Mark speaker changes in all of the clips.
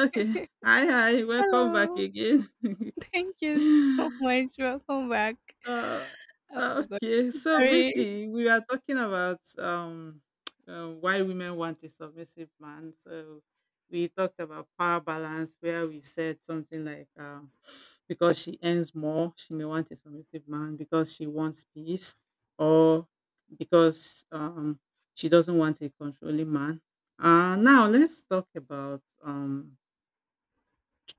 Speaker 1: Okay. Hi, hi. Welcome back
Speaker 2: Hello.
Speaker 1: again.
Speaker 2: Thank you so much. Welcome back.
Speaker 1: uh,
Speaker 2: Oh my god.
Speaker 1: okay. So
Speaker 2: Sorry.
Speaker 1: briefly, we are talking about why women want a submissive man. So we talked about power balance, where we said something like, because she earns more, she may want a submissive man because she wants peace, or because she doesn't want a controlling man. Now let's talk about um,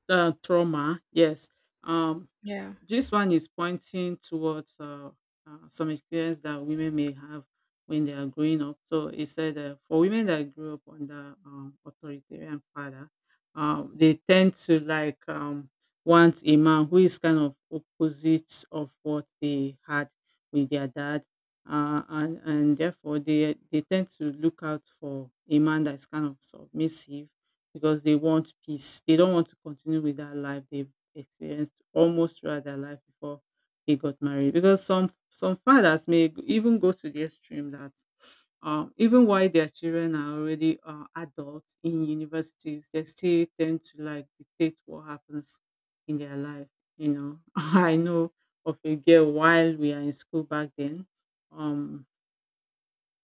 Speaker 1: uh, trauma. Yes. Um,
Speaker 2: Yeah.
Speaker 1: this one is pointing towards some experience that women may have when they are growing up. So it said for women that grew up under authoritarian father, they tend to like want a man who is kind of opposite of what they had with their dad. And therefore they tend to look out for a man that's kind of submissive because they want peace. They don't want to continue with that life they experienced almost throughout their life before they got married. Because some fathers may even go to the extreme that even while their children are already adults in universities, they still tend to like dictate what happens in their life. You know, I know of a girl while we are in school back then. Um,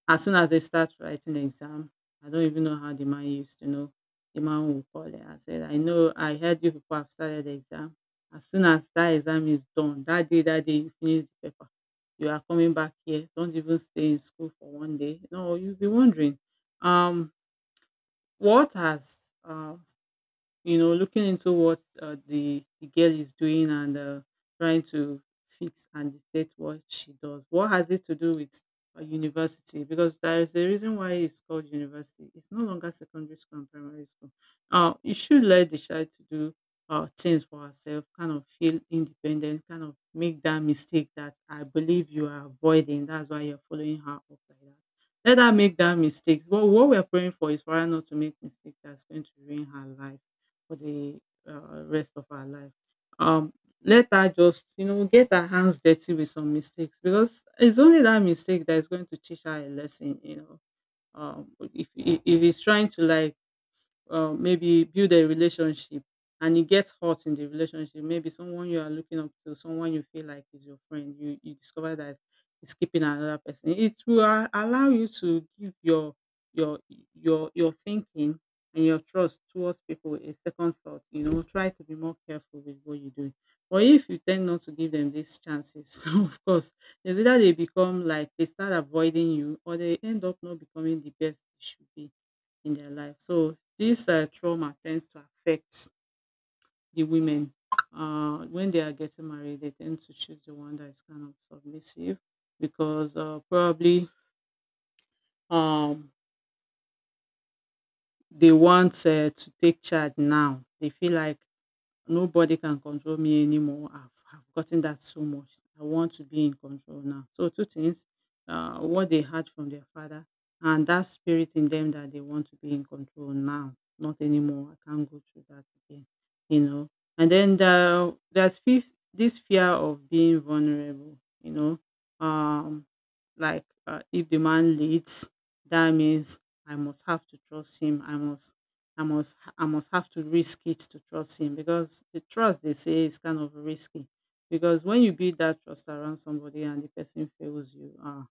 Speaker 1: as soon as they start writing the exam, I don't even know how the man used to know. The man will call it and said, I know I heard you people have started the exam. As soon as that exam is done, that day you finish the paper, you are coming back here. Don't even stay in school for one day. No, you'll be wondering, um, what has you know, looking into what the girl is doing, and trying to fix and dictate what she does. What has it to do with a university? Because there is a reason why it's called university. It's no longer secondary school and primary school. You should let the child to do things for herself, kind of feel independent, kind of make that mistake that I believe you are avoiding. That's why you're following her up like that. Let her make that mistake. But what we're praying for is for her not to make mistake that's going to ruin her life for the rest of our life. Um, Let her just, you know, get her hands dirty with some mistakes, because it's only that mistake that is going to teach her a lesson, you know. If he's trying to like maybe build a relationship and it gets hot in the relationship, maybe someone you are looking up to, someone you feel like is your friend, you discover that is keeping another person, it will allow you to give your your thinking and your trust towards people a second thought, you know, try to be more careful with what you do. But if you tend not to give them these chances, of course, it's either they become like they start avoiding you, or they end up not becoming the best they should be in their life. So this trauma tends to affect the women. When they are getting married, they tend to choose the one that is kind of submissive because probably um they want to take charge now. They feel like nobody can control me anymore. I've gotten that so much. I want to be in control now. So, two things, what they had from their father, and that spirit in them that they want to be in control now, not anymore. I can't go through that again, you know. And then there's fifth, this fear of being vulnerable, you know. Um, like if the man leads, that means I must have to trust him. I must, I must have to risk it to trust him, because the trust, they say, is kind of risky. Because when you build that trust around somebody and the person fails you, uh,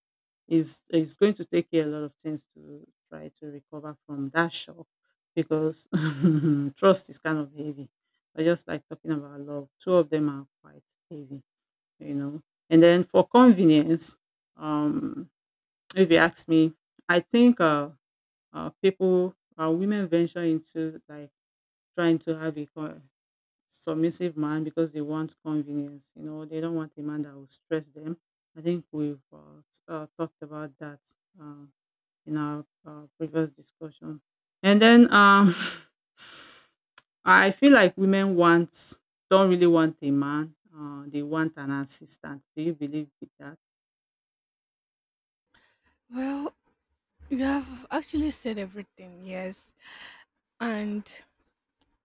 Speaker 1: it's, it's going to take you a lot of things to try to recover from that shock, because trust is kind of heavy. But just like talking about love, two of them are quite heavy, you know. And then for convenience, um, if you ask me, I think people, women venture into like trying to have a submissive man because they want convenience. You know, they don't want a man that will stress them. I think we've talked about that uh, in our previous discussion. And then I feel like women want don't really want a man. They want an assistant. Do you believe with that?
Speaker 2: Well, you have actually said everything, yes. And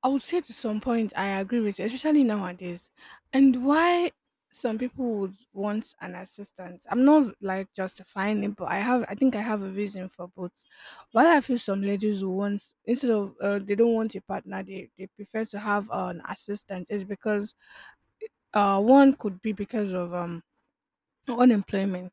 Speaker 2: I would say to some point I agree with you, especially nowadays. And why some people would want an assistant, I'm not like justifying it, but I think I have a reason for both. Why I feel some ladies who want, instead of they don't want a partner, they prefer to have an assistant, is because one could be because of unemployment,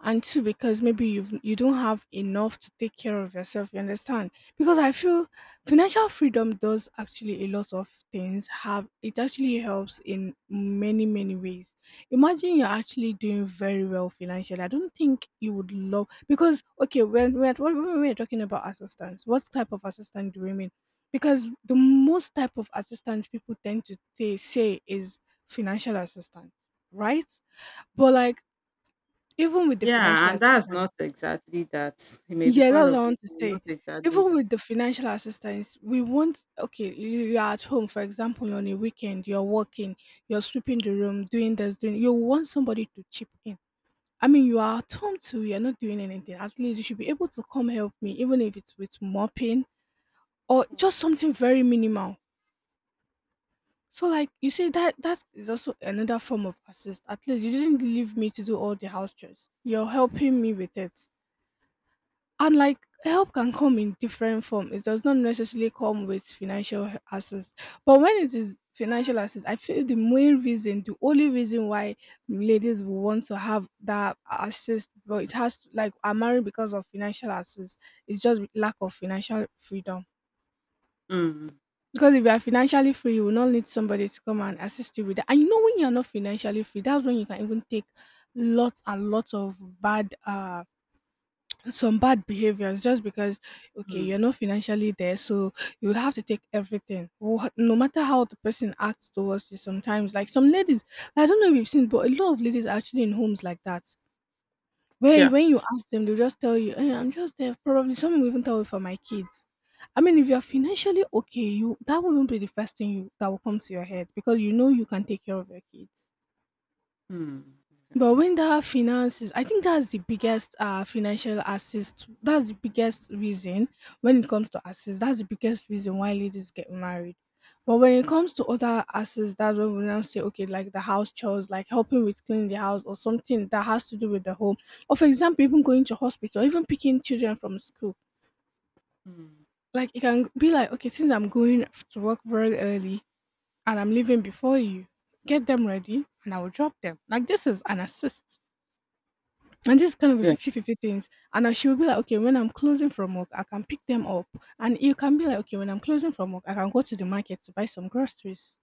Speaker 2: and two, because maybe you don't have enough to take care of yourself, you understand? Because I feel financial freedom does actually a lot of things, have it actually helps in many, many ways. Imagine you're actually doing very well financially, I don't think you would love, because okay, when we're talking about assistance, what type of assistance do we mean? Because the most type of assistance people tend to say is financial assistance, right? But like, even with the financial
Speaker 1: Yeah, and that's
Speaker 2: assistance,
Speaker 1: not exactly that. He may be
Speaker 2: yeah, that's
Speaker 1: part
Speaker 2: what I
Speaker 1: of it,
Speaker 2: want to
Speaker 1: but
Speaker 2: say.
Speaker 1: not exactly
Speaker 2: Even
Speaker 1: that.
Speaker 2: with the financial assistance, we want, okay, you are at home, for example, on a weekend, you're working, you're sweeping the room, doing this, doing, you want somebody to chip in. I mean, you are at home too, you're not doing anything. At least you should be able to come help me, even if it's with mopping or
Speaker 1: Hmm.
Speaker 2: just something very minimal. So like, you say that that is also another form of assist. At least you didn't leave me to do all the house chores, you're helping me with it. And like, help can come in different form, it does not necessarily come with financial assistance. But when it is financial assets, I feel the main reason, the only reason why ladies will want to have that assist, but it has to, like, are married, because of financial assets, it's just lack of financial freedom.
Speaker 1: Mm,
Speaker 2: Because if you are financially free, you will not need somebody to come and assist you with that. And you know, when you're not financially free, that's when you can even take lots and lots of bad some bad behaviors, just because okay,
Speaker 1: mm,
Speaker 2: you're not financially there, so you would have to take everything. No matter how the person acts towards you, sometimes, like, some ladies, I don't know if you've seen, but a lot of ladies are actually in homes like that, where
Speaker 1: yeah.
Speaker 2: when you ask them, they'll just tell you, "Eh, I'm just there, probably," someone will even tell you, "For my kids." I mean, if you're financially okay, you, that wouldn't be the first thing you, that will come to your head, because you know you can take care of your kids.
Speaker 1: Mm,
Speaker 2: But
Speaker 1: exactly.
Speaker 2: when that finances, I think that's the biggest financial assist. That's the biggest reason, when it comes to assist, that's the biggest reason why ladies get married. But when it comes to other assets, that's when we now say, okay, like the house chores, like helping with cleaning the house or something that has to do with the home. Or for example, even going to hospital, even picking children from school.
Speaker 1: Mm.
Speaker 2: Like it can be like, okay, since I'm going to work very early and I'm leaving before you, get them ready and I will drop them. Like this is an assist. And this is kind of a
Speaker 1: Yeah.
Speaker 2: fifty-fifty things. And then she will be like, okay, when I'm closing from work, I can pick them up. And you can be like, okay, when I'm closing from work, I can go to the market to buy some groceries.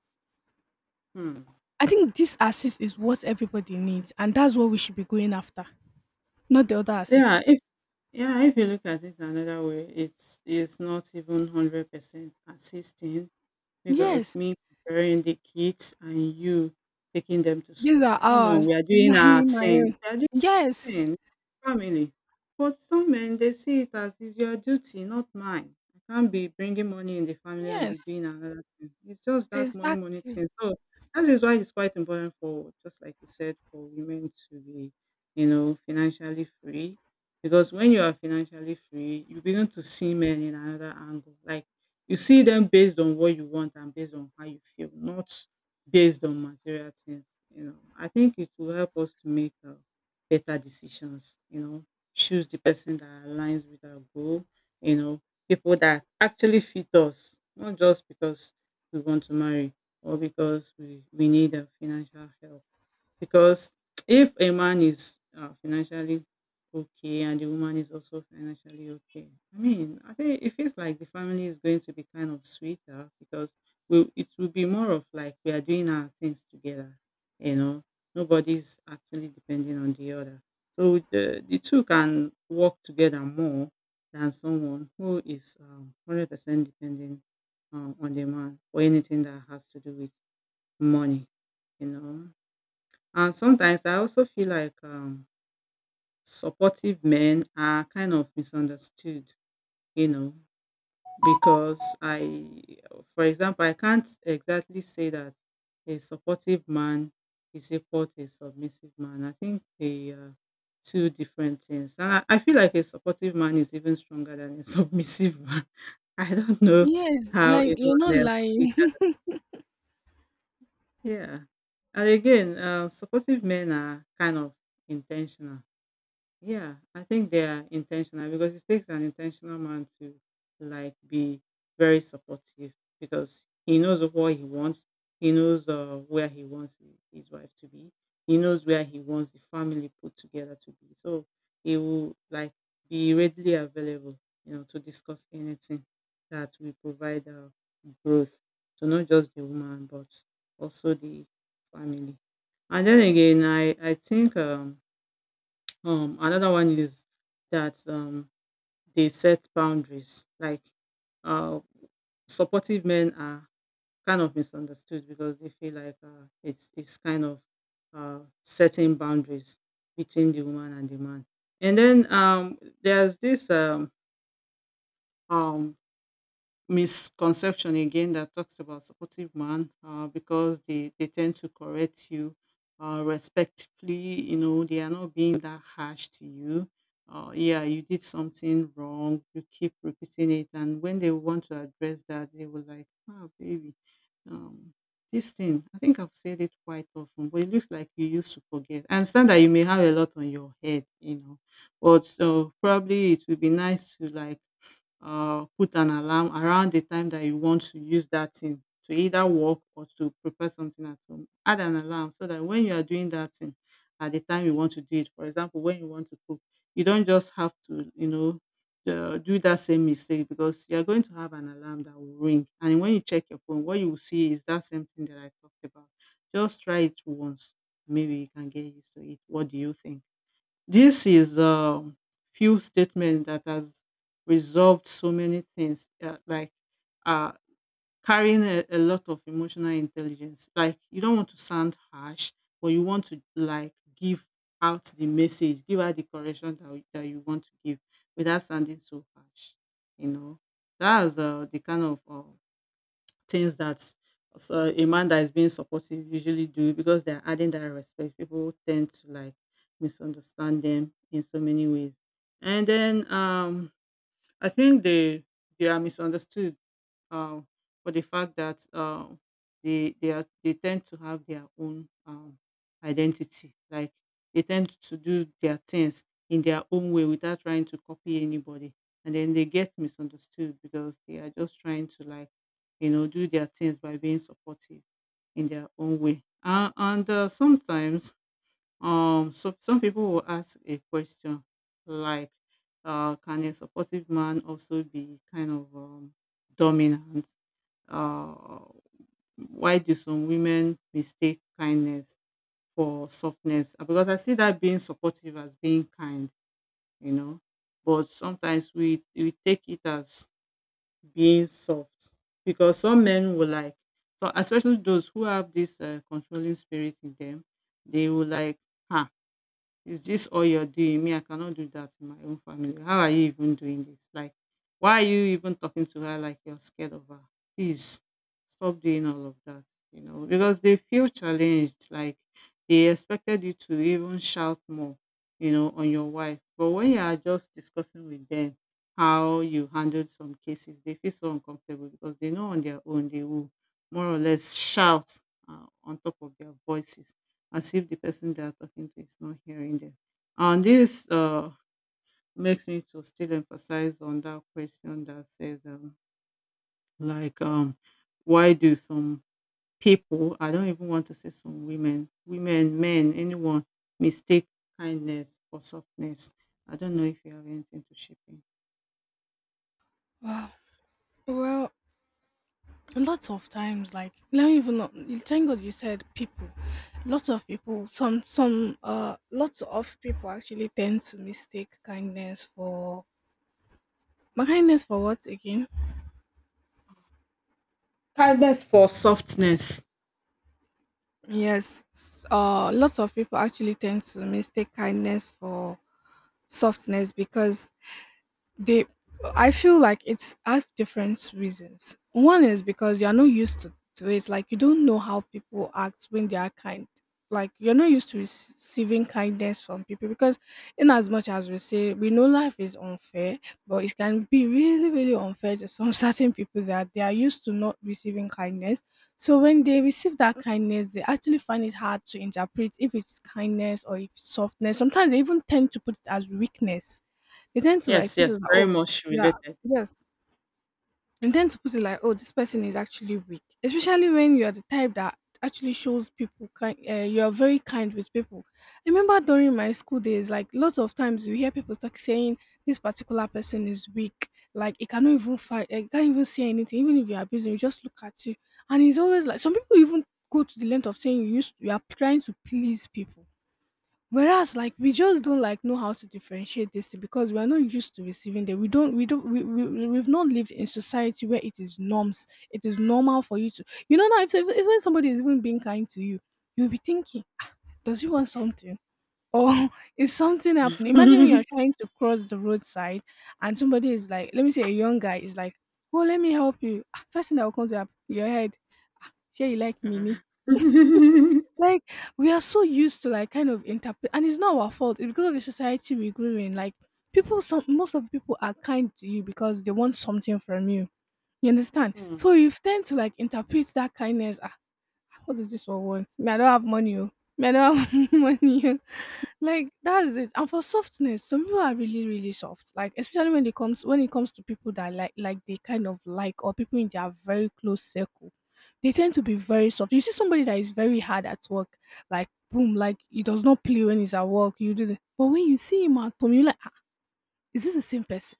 Speaker 1: Hmm.
Speaker 2: I think this assist is what everybody needs. And that's what we should be going after, not the other
Speaker 1: Yeah,
Speaker 2: assist.
Speaker 1: if yeah, if you look at it another way, it's not even 100% assisting, because
Speaker 2: Yes.
Speaker 1: me preparing the kids and you taking them to
Speaker 2: These
Speaker 1: school.
Speaker 2: are
Speaker 1: Come on, we
Speaker 2: ours.
Speaker 1: are
Speaker 2: It's
Speaker 1: doing
Speaker 2: not
Speaker 1: our
Speaker 2: only my
Speaker 1: thing.
Speaker 2: own.
Speaker 1: We are
Speaker 2: Yes.
Speaker 1: thing, family. But some men, they see it as it's your duty, not mine. I can't be bringing money in the family and be
Speaker 2: Yes.
Speaker 1: doing another thing. It's just that money, money
Speaker 2: Exactly.
Speaker 1: thing. So that is why it's quite important for, just like you said, for women to be, you know, financially free. Because when you are financially free, you begin to see men in another angle. Like you see them based on what you want and based on how you feel, not based on material things. You know, I think it will help us to make a better decisions, you know, choose the person that aligns with our goal, you know, people that actually fit us, not just because we want to marry, or because we need a financial help. Because if a man is financially okay and the woman is also financially okay, I mean, I think it feels like the family is going to be kind of sweeter, because we it will be more of like we are doing our things together. You know, nobody's actually depending on the other. So the two can work together more than someone who is 100% dependent on the man for anything that has to do with money, you know. And sometimes I also feel like supportive men are kind of misunderstood, you know, because I, for example, I can't exactly say that a supportive man is equal to a submissive man. I think they are two different things. And I feel like a supportive man is even stronger than a submissive man. I don't know
Speaker 2: Yes.
Speaker 1: how
Speaker 2: Like, you're
Speaker 1: anyone
Speaker 2: not
Speaker 1: else sees
Speaker 2: lying.
Speaker 1: that. Yeah. And again, supportive men are kind of intentional. Yeah, I think they are intentional, because it takes an intentional man to like be very supportive, because he knows what he wants. He knows where he wants his wife to be. He knows where he wants the family put together to be. So he will like be readily available, you know, to discuss anything that will provide growth to not just the woman but also the family. And then again, I think another one is that they set boundaries. Like uh, supportive men are kind of misunderstood because they feel like it's kind of setting boundaries between the woman and the man. And then there's this um, misconception again that talks about supportive man, because they tend to correct you respectfully. You know, they are not being that harsh to you. Yeah, you did something wrong. You keep repeating it. And when they want to address that, they were like, ah, baby, um, this thing, I think I've said it quite often, but it looks like you used to forget. I understand that you may have a lot on your head, you know, but probably it would be nice to like put an alarm around the time that you want to use that thing to either work or to prepare something at home. Add an alarm so that when you are doing that thing at the time you want to do it, for example, when you want to cook, you don't just have to, you know, do that same mistake because you're going to have an alarm that will ring. And when you check your phone, what you will see is that same thing that I talked about. Just try it once. Maybe you can get used to it. What do you think? This is a few statement that has resolved so many things, like uh, carrying a lot of emotional intelligence. Like you don't want to sound harsh, but you want to like give out the message, give out the correction that you want to give without sounding so harsh. You know, that's the kind of things that so a man that is being supportive usually do because they're adding that respect. People tend to like misunderstand them in so many ways. And then I think they are misunderstood, um, for the fact that they tend to have their own identity. Like they tend to do their things in their own way without trying to copy anybody, and then they get misunderstood because they are just trying to like you know do their things by being supportive in their own way. And Sometimes so some people will ask a question like can a supportive man also be kind of dominant? uh, why do some women mistake kindness for softness? Because I see that being supportive as being kind, you know. But sometimes we take it as being soft because some men will like so, especially those who have this controlling spirit in them, they will like, huh, is this all you're doing? Me, I cannot do that in my own family. How are you even doing this? Like, why are you even talking to her like you're scared of her? Please stop doing all of that, you know, because they feel challenged. Like, they expected you to even shout more, you know, on your wife. But when you are just discussing with them how you handled some cases, they feel so uncomfortable because they know on their own they will more or less shout on top of their voices as if the person they are talking to is not hearing them. And this makes me to still emphasize on that question that says, like, why do some people, I don't even want to say some women, women, men, anyone, mistake kindness for softness? I don't know if you have anything to share. In.
Speaker 2: Wow. Well, and lots of times, like, let me even know, thank god you said people, lots of people, some lots of people actually tend to mistake kindness for my kindness for what again?
Speaker 1: Kindness for softness.
Speaker 2: Yes. Lots of people actually tend to mistake kindness for softness because they, I feel like it's, I have different reasons. One is because you're not used to it, like you don't know how people act when they are kind, like you're not used to receiving kindness from people. Because in as much as we say we know life is unfair, but it can be really, really unfair to some certain people, that they are used to not receiving kindness. So when they receive that kindness, they actually find it hard to interpret if it's kindness or if it's softness. Sometimes they even tend to put it as weakness. They tend to like
Speaker 1: Yes,
Speaker 2: put it
Speaker 1: yes,
Speaker 2: like,
Speaker 1: very
Speaker 2: oh,
Speaker 1: much
Speaker 2: yeah,
Speaker 1: related.
Speaker 2: yes. They tend to put it like, oh, this person is actually weak. Especially when you're the type that actually shows people kind, you're very kind with people. I remember during my school days, like, lots of times you hear people talk saying this particular person is weak. Like it cannot even fight, it can't even say anything. Even if you are abusing, you just look at you. And it's always like some people even go to the length of saying you used, you are trying to please people. Whereas like, we just don't like know how to differentiate this thing, because we are not used to receiving them. We don't we don't we, we we- have not lived in society where it is norms, it is normal for you to, you know, now if when somebody is even being kind to you, you'll be thinking, does he want something? Or is something happening? Imagine when you're
Speaker 1: Mm.
Speaker 2: trying to cross the roadside and somebody is like, let me say a young guy is like, oh, let me help you. Ah, first thing that will come to your head, sure you like me.
Speaker 1: Mm.
Speaker 2: Like, we are so used to like kind of interpret, and it's not our fault. It's because of the society we grew in. Like, people, some, most of the people are kind to you because they want something from you. You understand? So you tend to like interpret that kindness, what does this one want? Me, I don't have money. Oh. Me, I don't have money. Oh." Like that's it. And for softness, some people are really, really soft. Like especially when it comes, when it comes to people that like they kind of like, or people in their very close circle, they tend to be very soft. You see somebody that is very hard at work, like boom, like he does not play when he's at work. You do, but when you see him at home, you're like, "Ah, is this the same person?"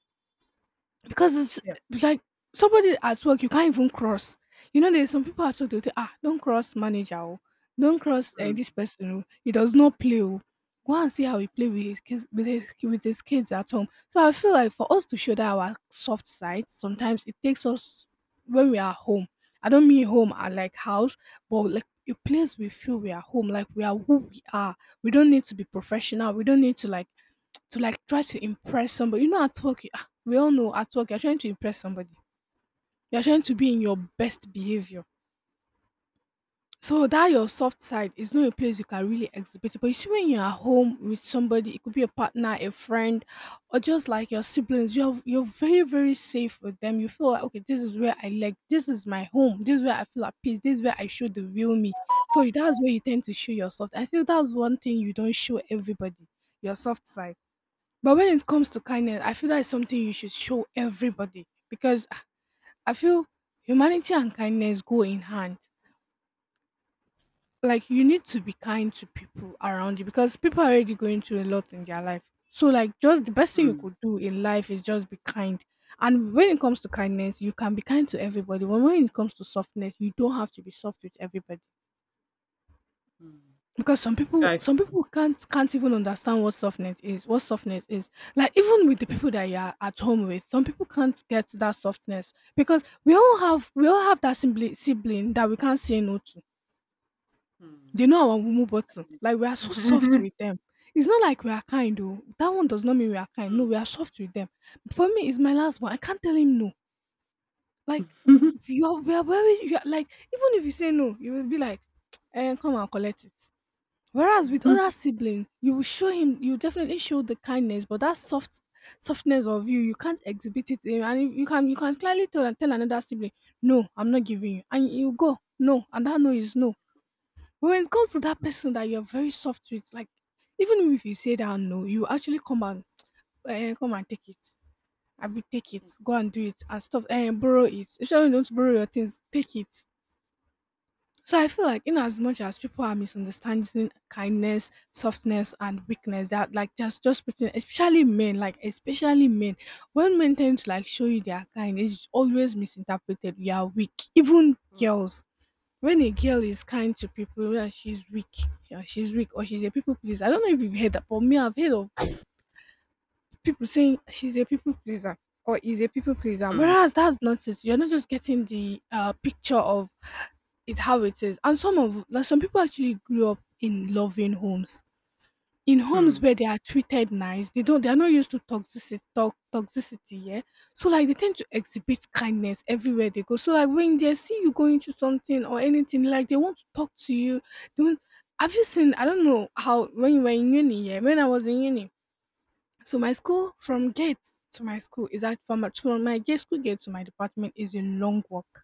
Speaker 2: Because
Speaker 1: Yeah.
Speaker 2: it's like somebody at work you can't even cross. You know, there's some people at work, they'll say, ah, don't cross manager, oh. Don't cross
Speaker 1: Mm,
Speaker 2: this person, oh. He does not play, oh. Go and see how he play with his kids at home. So I feel like for us to shoulder our soft side, sometimes it takes us when we are home. I don't mean home at like house, but like a place we feel we are home, like we are who we are. We don't need to be professional. We don't need to like, to like try to impress somebody. You know, at work, you, ah, we all know at work, you're trying to impress somebody. You're trying to be in your best behavior. So that your soft side is not a place you can really exhibit it. But you see, when you're at home with somebody, it could be a partner, a friend, or just like your siblings, you're very, very safe with them. You feel like, okay, this is where I like, this is my home, this is where I feel at peace, this is where I show the real me. So that's where you tend to show yourself. I feel that's one thing you don't show everybody, your soft side. But when it comes to kindness, I feel that is something you should show everybody, because ah, I feel humanity and kindness go in hand. Like you need to be kind to people around you because people are already going through a lot in their life. So like, just the best thing you
Speaker 1: mm,
Speaker 2: could do in life is just be kind. And when it comes to kindness, you can be kind to everybody. When it comes to softness, you don't have to be soft with everybody.
Speaker 1: mm.
Speaker 2: Because some people
Speaker 1: Yeah, it's
Speaker 2: some
Speaker 1: true.
Speaker 2: people can't even understand what softness is. Like even with the people that you are at home with, some people can't get that softness because we all have that sibling that we can't say no to.
Speaker 1: Mm.
Speaker 2: They know our mumu button, like we are so soft
Speaker 1: Mm.
Speaker 2: with them. It's not like we are kind though. That one does not mean we are kind. No, we are soft with them. For me, it's my last one, I can't tell him no. Like you're we are very you are like even if you say no, you will be like, come and collect it. Whereas with other
Speaker 1: Mm.
Speaker 2: sibling, you will show him, you definitely show the kindness, but that softness of you, you can't exhibit it to him. And you can clearly tell another sibling, no, I'm not giving you, and you go no, and that no is no. But when it comes to that person that you're very soft with, like even if you say that no, you actually come and take it. I be take it, go and do it and stuff, and borrow it. If you don't borrow your things, take it. So I feel like, in as much as people are misunderstanding kindness, softness, and weakness, that like just putting, especially men, like especially men, when men tend to like show you they are kind, it's always misinterpreted. You are weak. Even girls, when a girl is kind to people, yeah, she's weak. Yeah, she's weak or she's a people pleaser. I don't know if you've heard that, but me, I've heard of people saying she's a people pleaser or is a people pleaser,
Speaker 1: Mm.
Speaker 2: whereas that's nonsense. You're not just getting the picture of it, how it is. And some of like some people actually grew up in loving homes, in
Speaker 1: Mm.
Speaker 2: homes
Speaker 1: Mm.
Speaker 2: where they are treated nice. They don't. They are not used to toxicity. Talk, toxicity. Yeah. So like they tend to exhibit kindness everywhere they go. So like when they see you going through something or anything, like they want to talk to you. They want, have you seen? I don't know how when you were in uni. Yeah. When I was in uni, so my school
Speaker 1: Mm.
Speaker 2: from gate to my school is that from my gate school gate to my department is a long walk,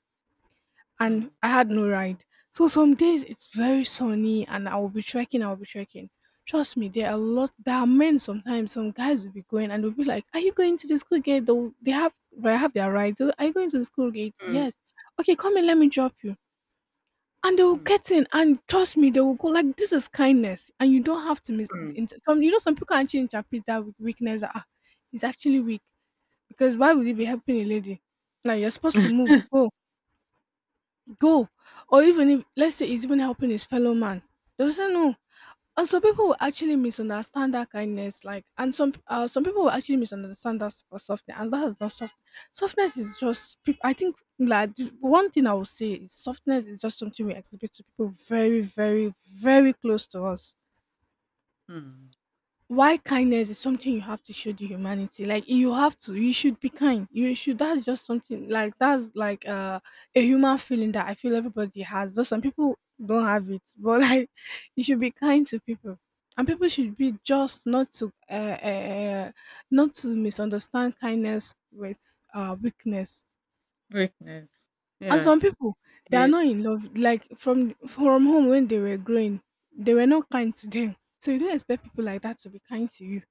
Speaker 2: and
Speaker 1: Mm.
Speaker 2: I had no ride. So some days it's very sunny, and I will be trekking. I will be trekking. Trust me, there are a lot. There are men sometimes. Some guys will be going and they'll be like, "Are you going to the school gate?" They have their rides. "Oh, are you going to the school gate?
Speaker 1: Mm.
Speaker 2: Yes. Okay, come and let me drop you." And they will
Speaker 1: Mm.
Speaker 2: get in, and trust me, they will go like, "This is kindness," and you don't have to miss.
Speaker 1: Mm.
Speaker 2: Some, you know, some people can actually interpret that with weakness. That ah, he's actually weak because why would he be helping a lady? Now you're supposed to move, go, go, or even if let's say he's even helping his fellow man. They will say no. And some people will actually misunderstand that kindness, like, and some people will actually misunderstand that for softness, and that is not soft. Softness is just, I think, like the one thing I will say is softness is just something we exhibit to people very, very, very close to us.
Speaker 1: Mm.
Speaker 2: Why kindness is something you have to show the humanity. Like you have to, you should be kind, you should, that's just something, like that's like a human feeling that I feel everybody has, though some people don't have it, but like you should be kind to people. And people should be just not to uh, uh, not to misunderstand kindness with weakness. And
Speaker 1: Yeah.
Speaker 2: some people, they are
Speaker 1: Yeah.
Speaker 2: not in love, like from home when they were growing, they were not kind to them, so you don't expect people like that to be kind to you.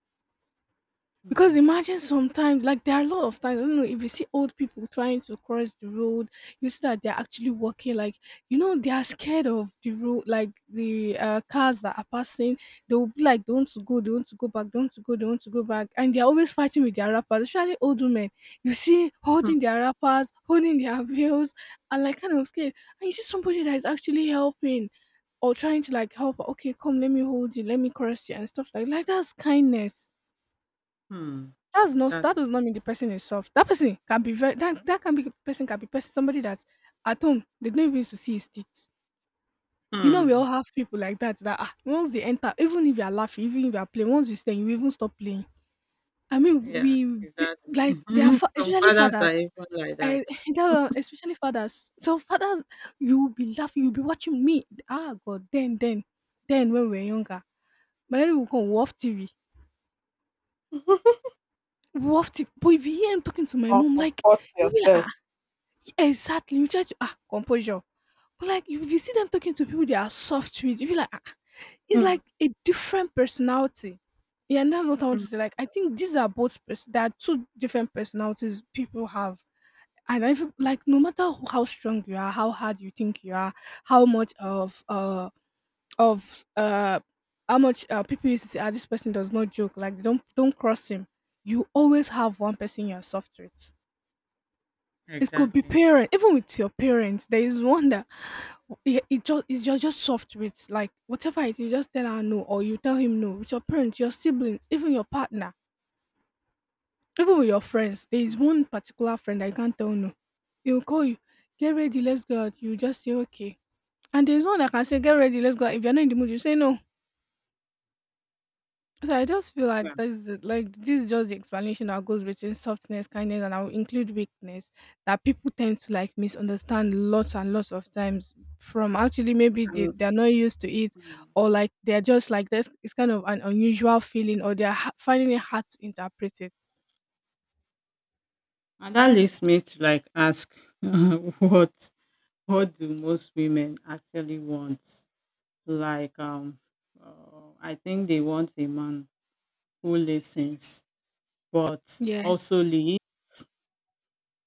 Speaker 2: Because
Speaker 1: Mm.
Speaker 2: imagine sometimes, like there are a lot of times, I don't know if you see old people trying to cross the road, you see that they're actually walking, like you know, they are scared of the road, like the cars that are passing. They will be like, they want to go, they want to go back, they want to go, they want to go back, and they're always fighting with their rappers, especially old women. You see
Speaker 1: Mm.
Speaker 2: holding their rappers, holding their veils, and like kind of scared. And you see somebody that is actually helping or trying to like help. Okay, come, let me hold you, let me cross you, and stuff like that's kindness.
Speaker 1: Mm.
Speaker 2: That's not, that
Speaker 1: Exactly.
Speaker 2: does not mean the person is soft. That person can be very, that that can be person somebody that at home they don't even used to see his teeth. You know, we all
Speaker 1: Mm.
Speaker 2: have people like that, that ah, once they enter, even if you are laughing, even if you are playing, once you stay, you even stop playing. I mean,
Speaker 1: Yeah.
Speaker 2: we they, like
Speaker 1: Exactly.
Speaker 2: they are
Speaker 1: Some
Speaker 2: especially
Speaker 1: fathers
Speaker 2: fathers.
Speaker 1: are even like
Speaker 2: I,
Speaker 1: that.
Speaker 2: that, especially fathers. So fathers, you will be laughing, you'll be watching me. Ah, God, then when we were younger, my daddy will come we TV, we TV. But if you hear him talking to my
Speaker 1: Or
Speaker 2: mom, like
Speaker 1: comfort
Speaker 2: you'll be like,
Speaker 1: yourself.
Speaker 2: ah, exactly. You try to ah composure. But like if you see them talking to people, they are soft with. You be like, ah, ah. It's
Speaker 1: Mm.
Speaker 2: like a different personality. Yeah, and that's what I want
Speaker 1: Mm.
Speaker 2: to say. Like, I think these are both there are two different personalities people have. And I feel
Speaker 1: Mm.
Speaker 2: like no matter how strong you are, how hard you think you are, how much of uh of uh how much, people used to say, ah, this person does not joke. Like, they don't cross him. You always have one person you're soft with. It could be
Speaker 1: Exactly.
Speaker 2: parent, even with your parents. There is one that it just is you're just soft with, like whatever it is, you just tell her no or you tell him no. With your parents, your siblings, even your partner, even with your friends, there
Speaker 1: Mm.
Speaker 2: is one particular friend I can't tell no. He will call you, get ready, let's go out. You just say okay. And there's one that can say, get ready, let's go out. If you're not in the mood, you say no. So I just feel
Speaker 1: Yeah.
Speaker 2: like like this is just the explanation that goes between softness, kindness, and I'll include weakness, that people tend to like misunderstand lots and lots of times, from actually maybe
Speaker 1: Mm.
Speaker 2: they're not used to it,
Speaker 1: Mm.
Speaker 2: or like they're just like this, it's kind of an unusual feeling, or they're finding it hard to interpret it.
Speaker 1: And that leads me to like ask what what do most women actually want? Like, I think they want a man who listens, but
Speaker 2: Yes.
Speaker 1: also leads,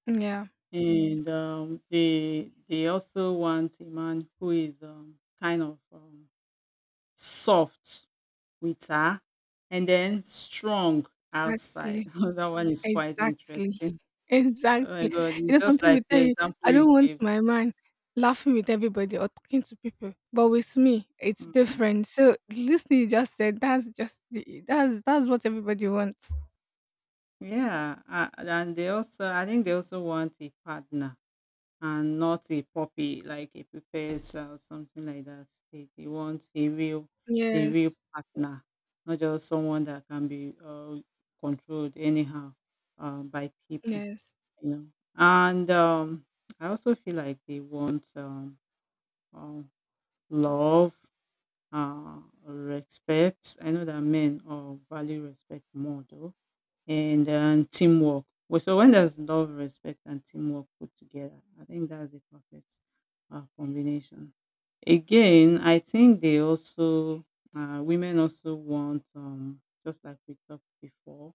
Speaker 2: Yeah.
Speaker 1: and they also want a man who is kind of soft with her, and then strong outside.
Speaker 2: Exactly.
Speaker 1: That one is quite
Speaker 2: Exactly.
Speaker 1: interesting. Oh my
Speaker 2: Exactly.
Speaker 1: God, it's
Speaker 2: You know, some
Speaker 1: just
Speaker 2: people will
Speaker 1: like
Speaker 2: tell
Speaker 1: the
Speaker 2: you,
Speaker 1: example
Speaker 2: I don't
Speaker 1: you
Speaker 2: want
Speaker 1: gave.
Speaker 2: my man laughing with everybody or talking to people. But with me, it's
Speaker 1: Mm.
Speaker 2: different. So listening you just said, that's just the that's what everybody wants.
Speaker 1: Yeah, and they also, I think they also want a partner and not a puppy like a puppet or something like that. They want a real
Speaker 2: Yes.
Speaker 1: partner, not just someone that can be controlled anyhow by people,
Speaker 2: Yes.
Speaker 1: you know. And I also feel like they want um, love, uh, respect. I know that men value respect more though, and teamwork. Well, so when there's love, respect, and teamwork put together, I think that's a perfect combination. Again, I think they also women also want, just like we talked before,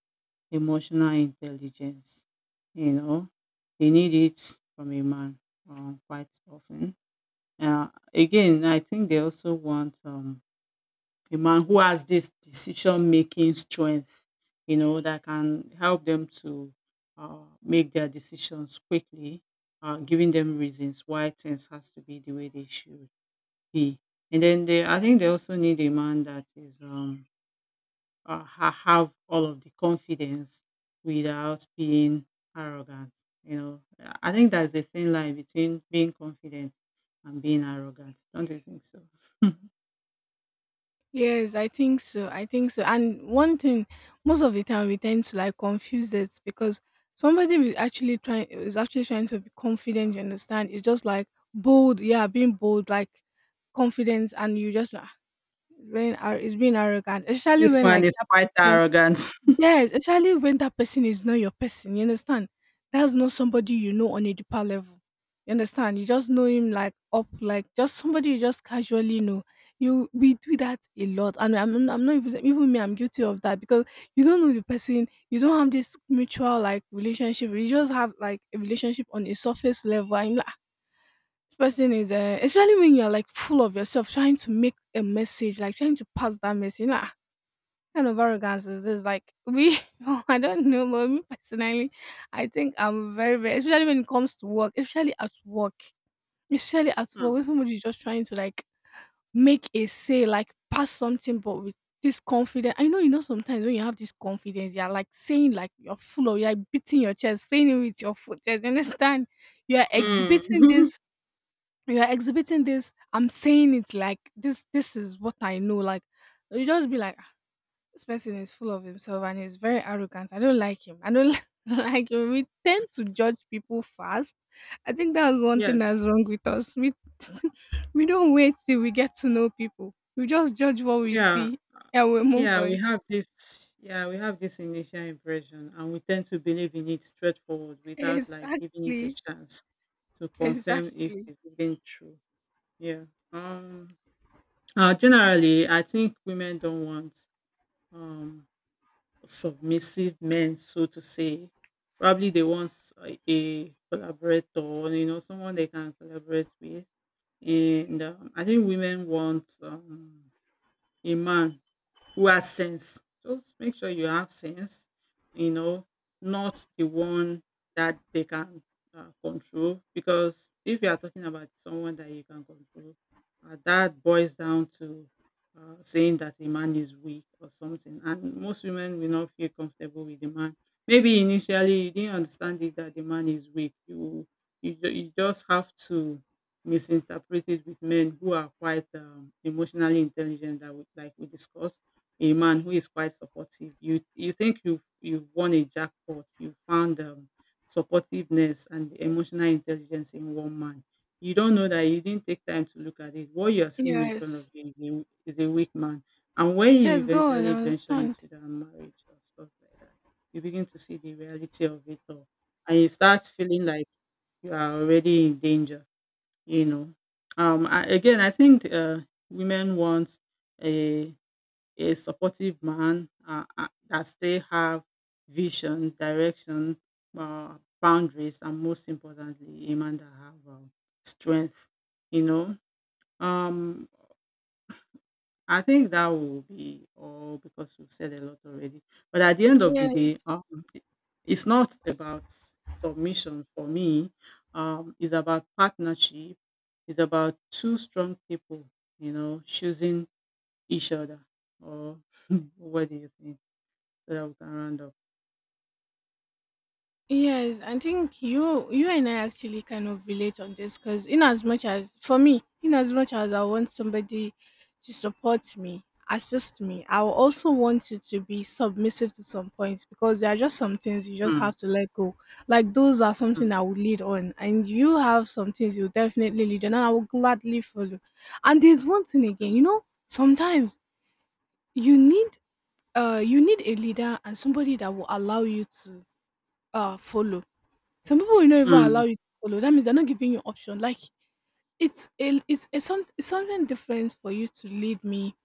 Speaker 1: emotional intelligence. You know, they need it from a man quite often. Uh, Again, I think they also want a man who has this decision making strength, you know, that can help them to make their decisions quickly, giving them reasons why things has to be the way they should be. And then they, I think they also need a man that is have all of the confidence without being arrogant. You know, I think that's the thin line between being confident and being arrogant. Don't you think so?
Speaker 2: Yes, I think so. I think so. And one thing, most of the time we tend to like confuse it because somebody is actually trying to be confident, you understand? It's just like bold, yeah, being bold, like confidence and you just like, it's being it's being arrogant, especially
Speaker 1: This
Speaker 2: when
Speaker 1: man
Speaker 2: like
Speaker 1: is
Speaker 2: that
Speaker 1: quite
Speaker 2: person.
Speaker 1: arrogant.
Speaker 2: Yes, especially when that person is not your person. You understand? That's not somebody you know on a deeper level. You understand? You just know him like up, like just somebody you just casually know. You we do that a lot, and I'm not even, even me. I'm guilty of that because you don't know the person. You don't have this mutual like relationship. You just have like a relationship on a surface level. I'm are this person is, especially when you're like full of yourself, trying to make a message, like trying to pass that message. Like, "Ah, what kind of arrogance is this?" Like, we, oh, I don't know, but me personally, I think I'm very, very, especially when it comes to work, especially at work, when somebody is just trying to like make a say, like pass something, but with this confidence. I know, you know, sometimes when you have this confidence, you're like saying like you're full of, you're like beating your chest, saying it with your foot. You understand? You are
Speaker 1: Mm.
Speaker 2: exhibiting this. I'm saying it like this. This is what I know. Like, you just be like, "Ah, this person is full of himself and he's very arrogant. I don't like him. I don't like him." We tend to judge people fast. I think that's one
Speaker 1: Yes.
Speaker 2: thing that's wrong with us. We don't wait till we get to know people. We just judge what we
Speaker 1: Yeah.
Speaker 2: see and we move
Speaker 1: Yeah, we
Speaker 2: on.
Speaker 1: have this initial impression and we tend to believe in it straightforward without like giving it a
Speaker 2: Exactly.
Speaker 1: chance to confirm if
Speaker 2: Exactly.
Speaker 1: it's even true. Yeah. Um Generally I think women don't want um submissive men, so to say. Probably they want a collaborator, you know, someone they can collaborate with. And I think women want a man who has sense. Just make sure you have sense, you know, not the one that they can control. Because if you are talking about someone that you can control, that boils down to saying that a man is weak or something. And most women will not feel comfortable with the man. Maybe initially you didn't understand it that the man is weak. You just have to misinterpret it with men who are quite emotionally intelligent that we, like we discussed, a man who is quite supportive. You think you've won a jackpot. You found supportiveness and emotional intelligence in one man. You don't know that you didn't take time to look at it. What you're seeing in front of
Speaker 2: Yes.
Speaker 1: you is a weak man. And when you
Speaker 2: Yes, go on, I
Speaker 1: eventually venture
Speaker 2: understand.
Speaker 1: into that marriage or stuff like that, you begin to see the reality of it all. And you start feeling like you are already in danger, you know. I, again, I think women want a supportive man that still have vision, direction, uh, boundaries, and most importantly, a man that have strength. You know, um, I think that will be all because we've said a lot already. But at the end of the
Speaker 2: Yeah.
Speaker 1: day, it's not about submission for me. It's about partnership. It's about two strong people, you know, choosing each other. Or what do you think? Yeah, we can round up.
Speaker 2: Yes, I think you and I actually kind of relate on this because, in as much as for me, in as much as I want somebody to support me, assist me, I will also want you to be submissive to some points, because there are just some things you just
Speaker 1: Mm,
Speaker 2: have to let go. Like, those are
Speaker 1: mm,
Speaker 2: something I would lead on, and you have some things you definitely lead on and I will gladly follow. And there's one thing again, you know, sometimes you need you need a leader and somebody that will allow you to follow. Some people will not even allow
Speaker 1: mm,
Speaker 2: you to follow. That means they're not giving you option. Like, it's something different for you to lead me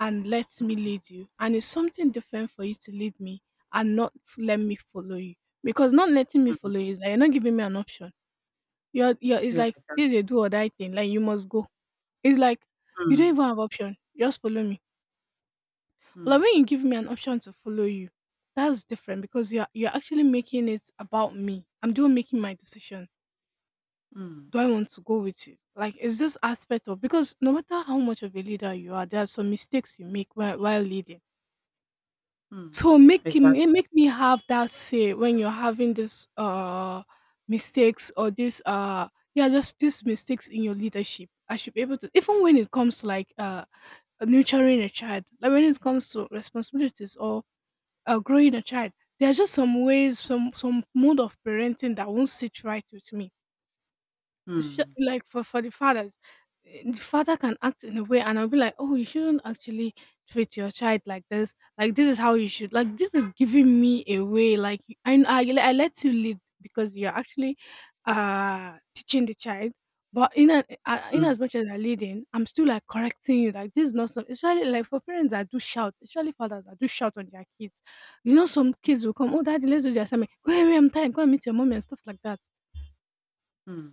Speaker 2: and let me lead you, and it's something different for you to lead me and not f- let me follow you. Because not letting me
Speaker 1: mm.
Speaker 2: follow you is like you're not giving me an option. You're it's
Speaker 1: Yeah,
Speaker 2: like this
Speaker 1: exactly.
Speaker 2: is a do or die thing. Like, you must go. It's like you don't
Speaker 1: Mm,
Speaker 2: even have option. Just follow me. But like,
Speaker 1: mm,
Speaker 2: when you give me an option to follow you, that's different, because you're actually making it about me. I'm doing making my decisions.
Speaker 1: mm,
Speaker 2: Do I want to go with you? Like, is this aspect of, because no matter how much of a leader you are, there are some mistakes you make while, leading.
Speaker 1: mm.
Speaker 2: So make him,
Speaker 1: Exactly.
Speaker 2: eh, make me have that say when you're having this mistakes or this yeah, just these mistakes in your leadership. I should be able to, even when it comes to like, nurturing a child, like when it comes to responsibilities or growing a child, there are just some ways, some mode of parenting that won't sit right with me. Sh
Speaker 1: Mm,
Speaker 2: Like, for the fathers, eh, the father can act in a way, and I'll be like, "Oh, you shouldn't actually treat your child like this. Like, this is how you should. Like, this is giving me away. Like, I let you lead because you're actually teaching the child." But in
Speaker 1: mm,
Speaker 2: as much as I'm leading, I'm still like correcting you. Like, this is not something. Especially like, for parents that do shout, especially fathers that do shout on their kids. You know, some kids will come, "Oh, daddy, let's do the assignment." "Go away, I'm tired. Go and meet your mommy and stuff like that."
Speaker 1: mm.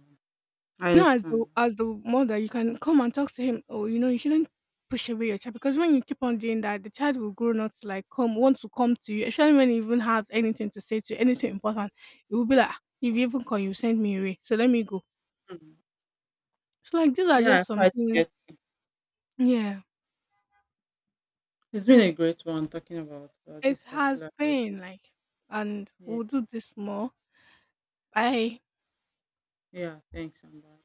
Speaker 1: I
Speaker 2: You know, as the
Speaker 1: understand.
Speaker 2: mother, you can come and talk to him. Oh, you know, you shouldn't push away your child, because when you keep on doing that, the child will grow not to like come want to come to you, especially when you even have anything to say to you, anything important. It will be like, "Ah, if you even call, you send me away, so let me go."
Speaker 1: Mm.
Speaker 2: So like, these are
Speaker 1: Yeah, I
Speaker 2: just some
Speaker 1: quite
Speaker 2: things.
Speaker 1: get you.
Speaker 2: Yeah,
Speaker 1: It's been a great one talking about
Speaker 2: it
Speaker 1: this
Speaker 2: has
Speaker 1: particular topic.
Speaker 2: been like, and
Speaker 1: Yeah,
Speaker 2: we'll do this more. Bye.
Speaker 1: yeah, thanks, Amber.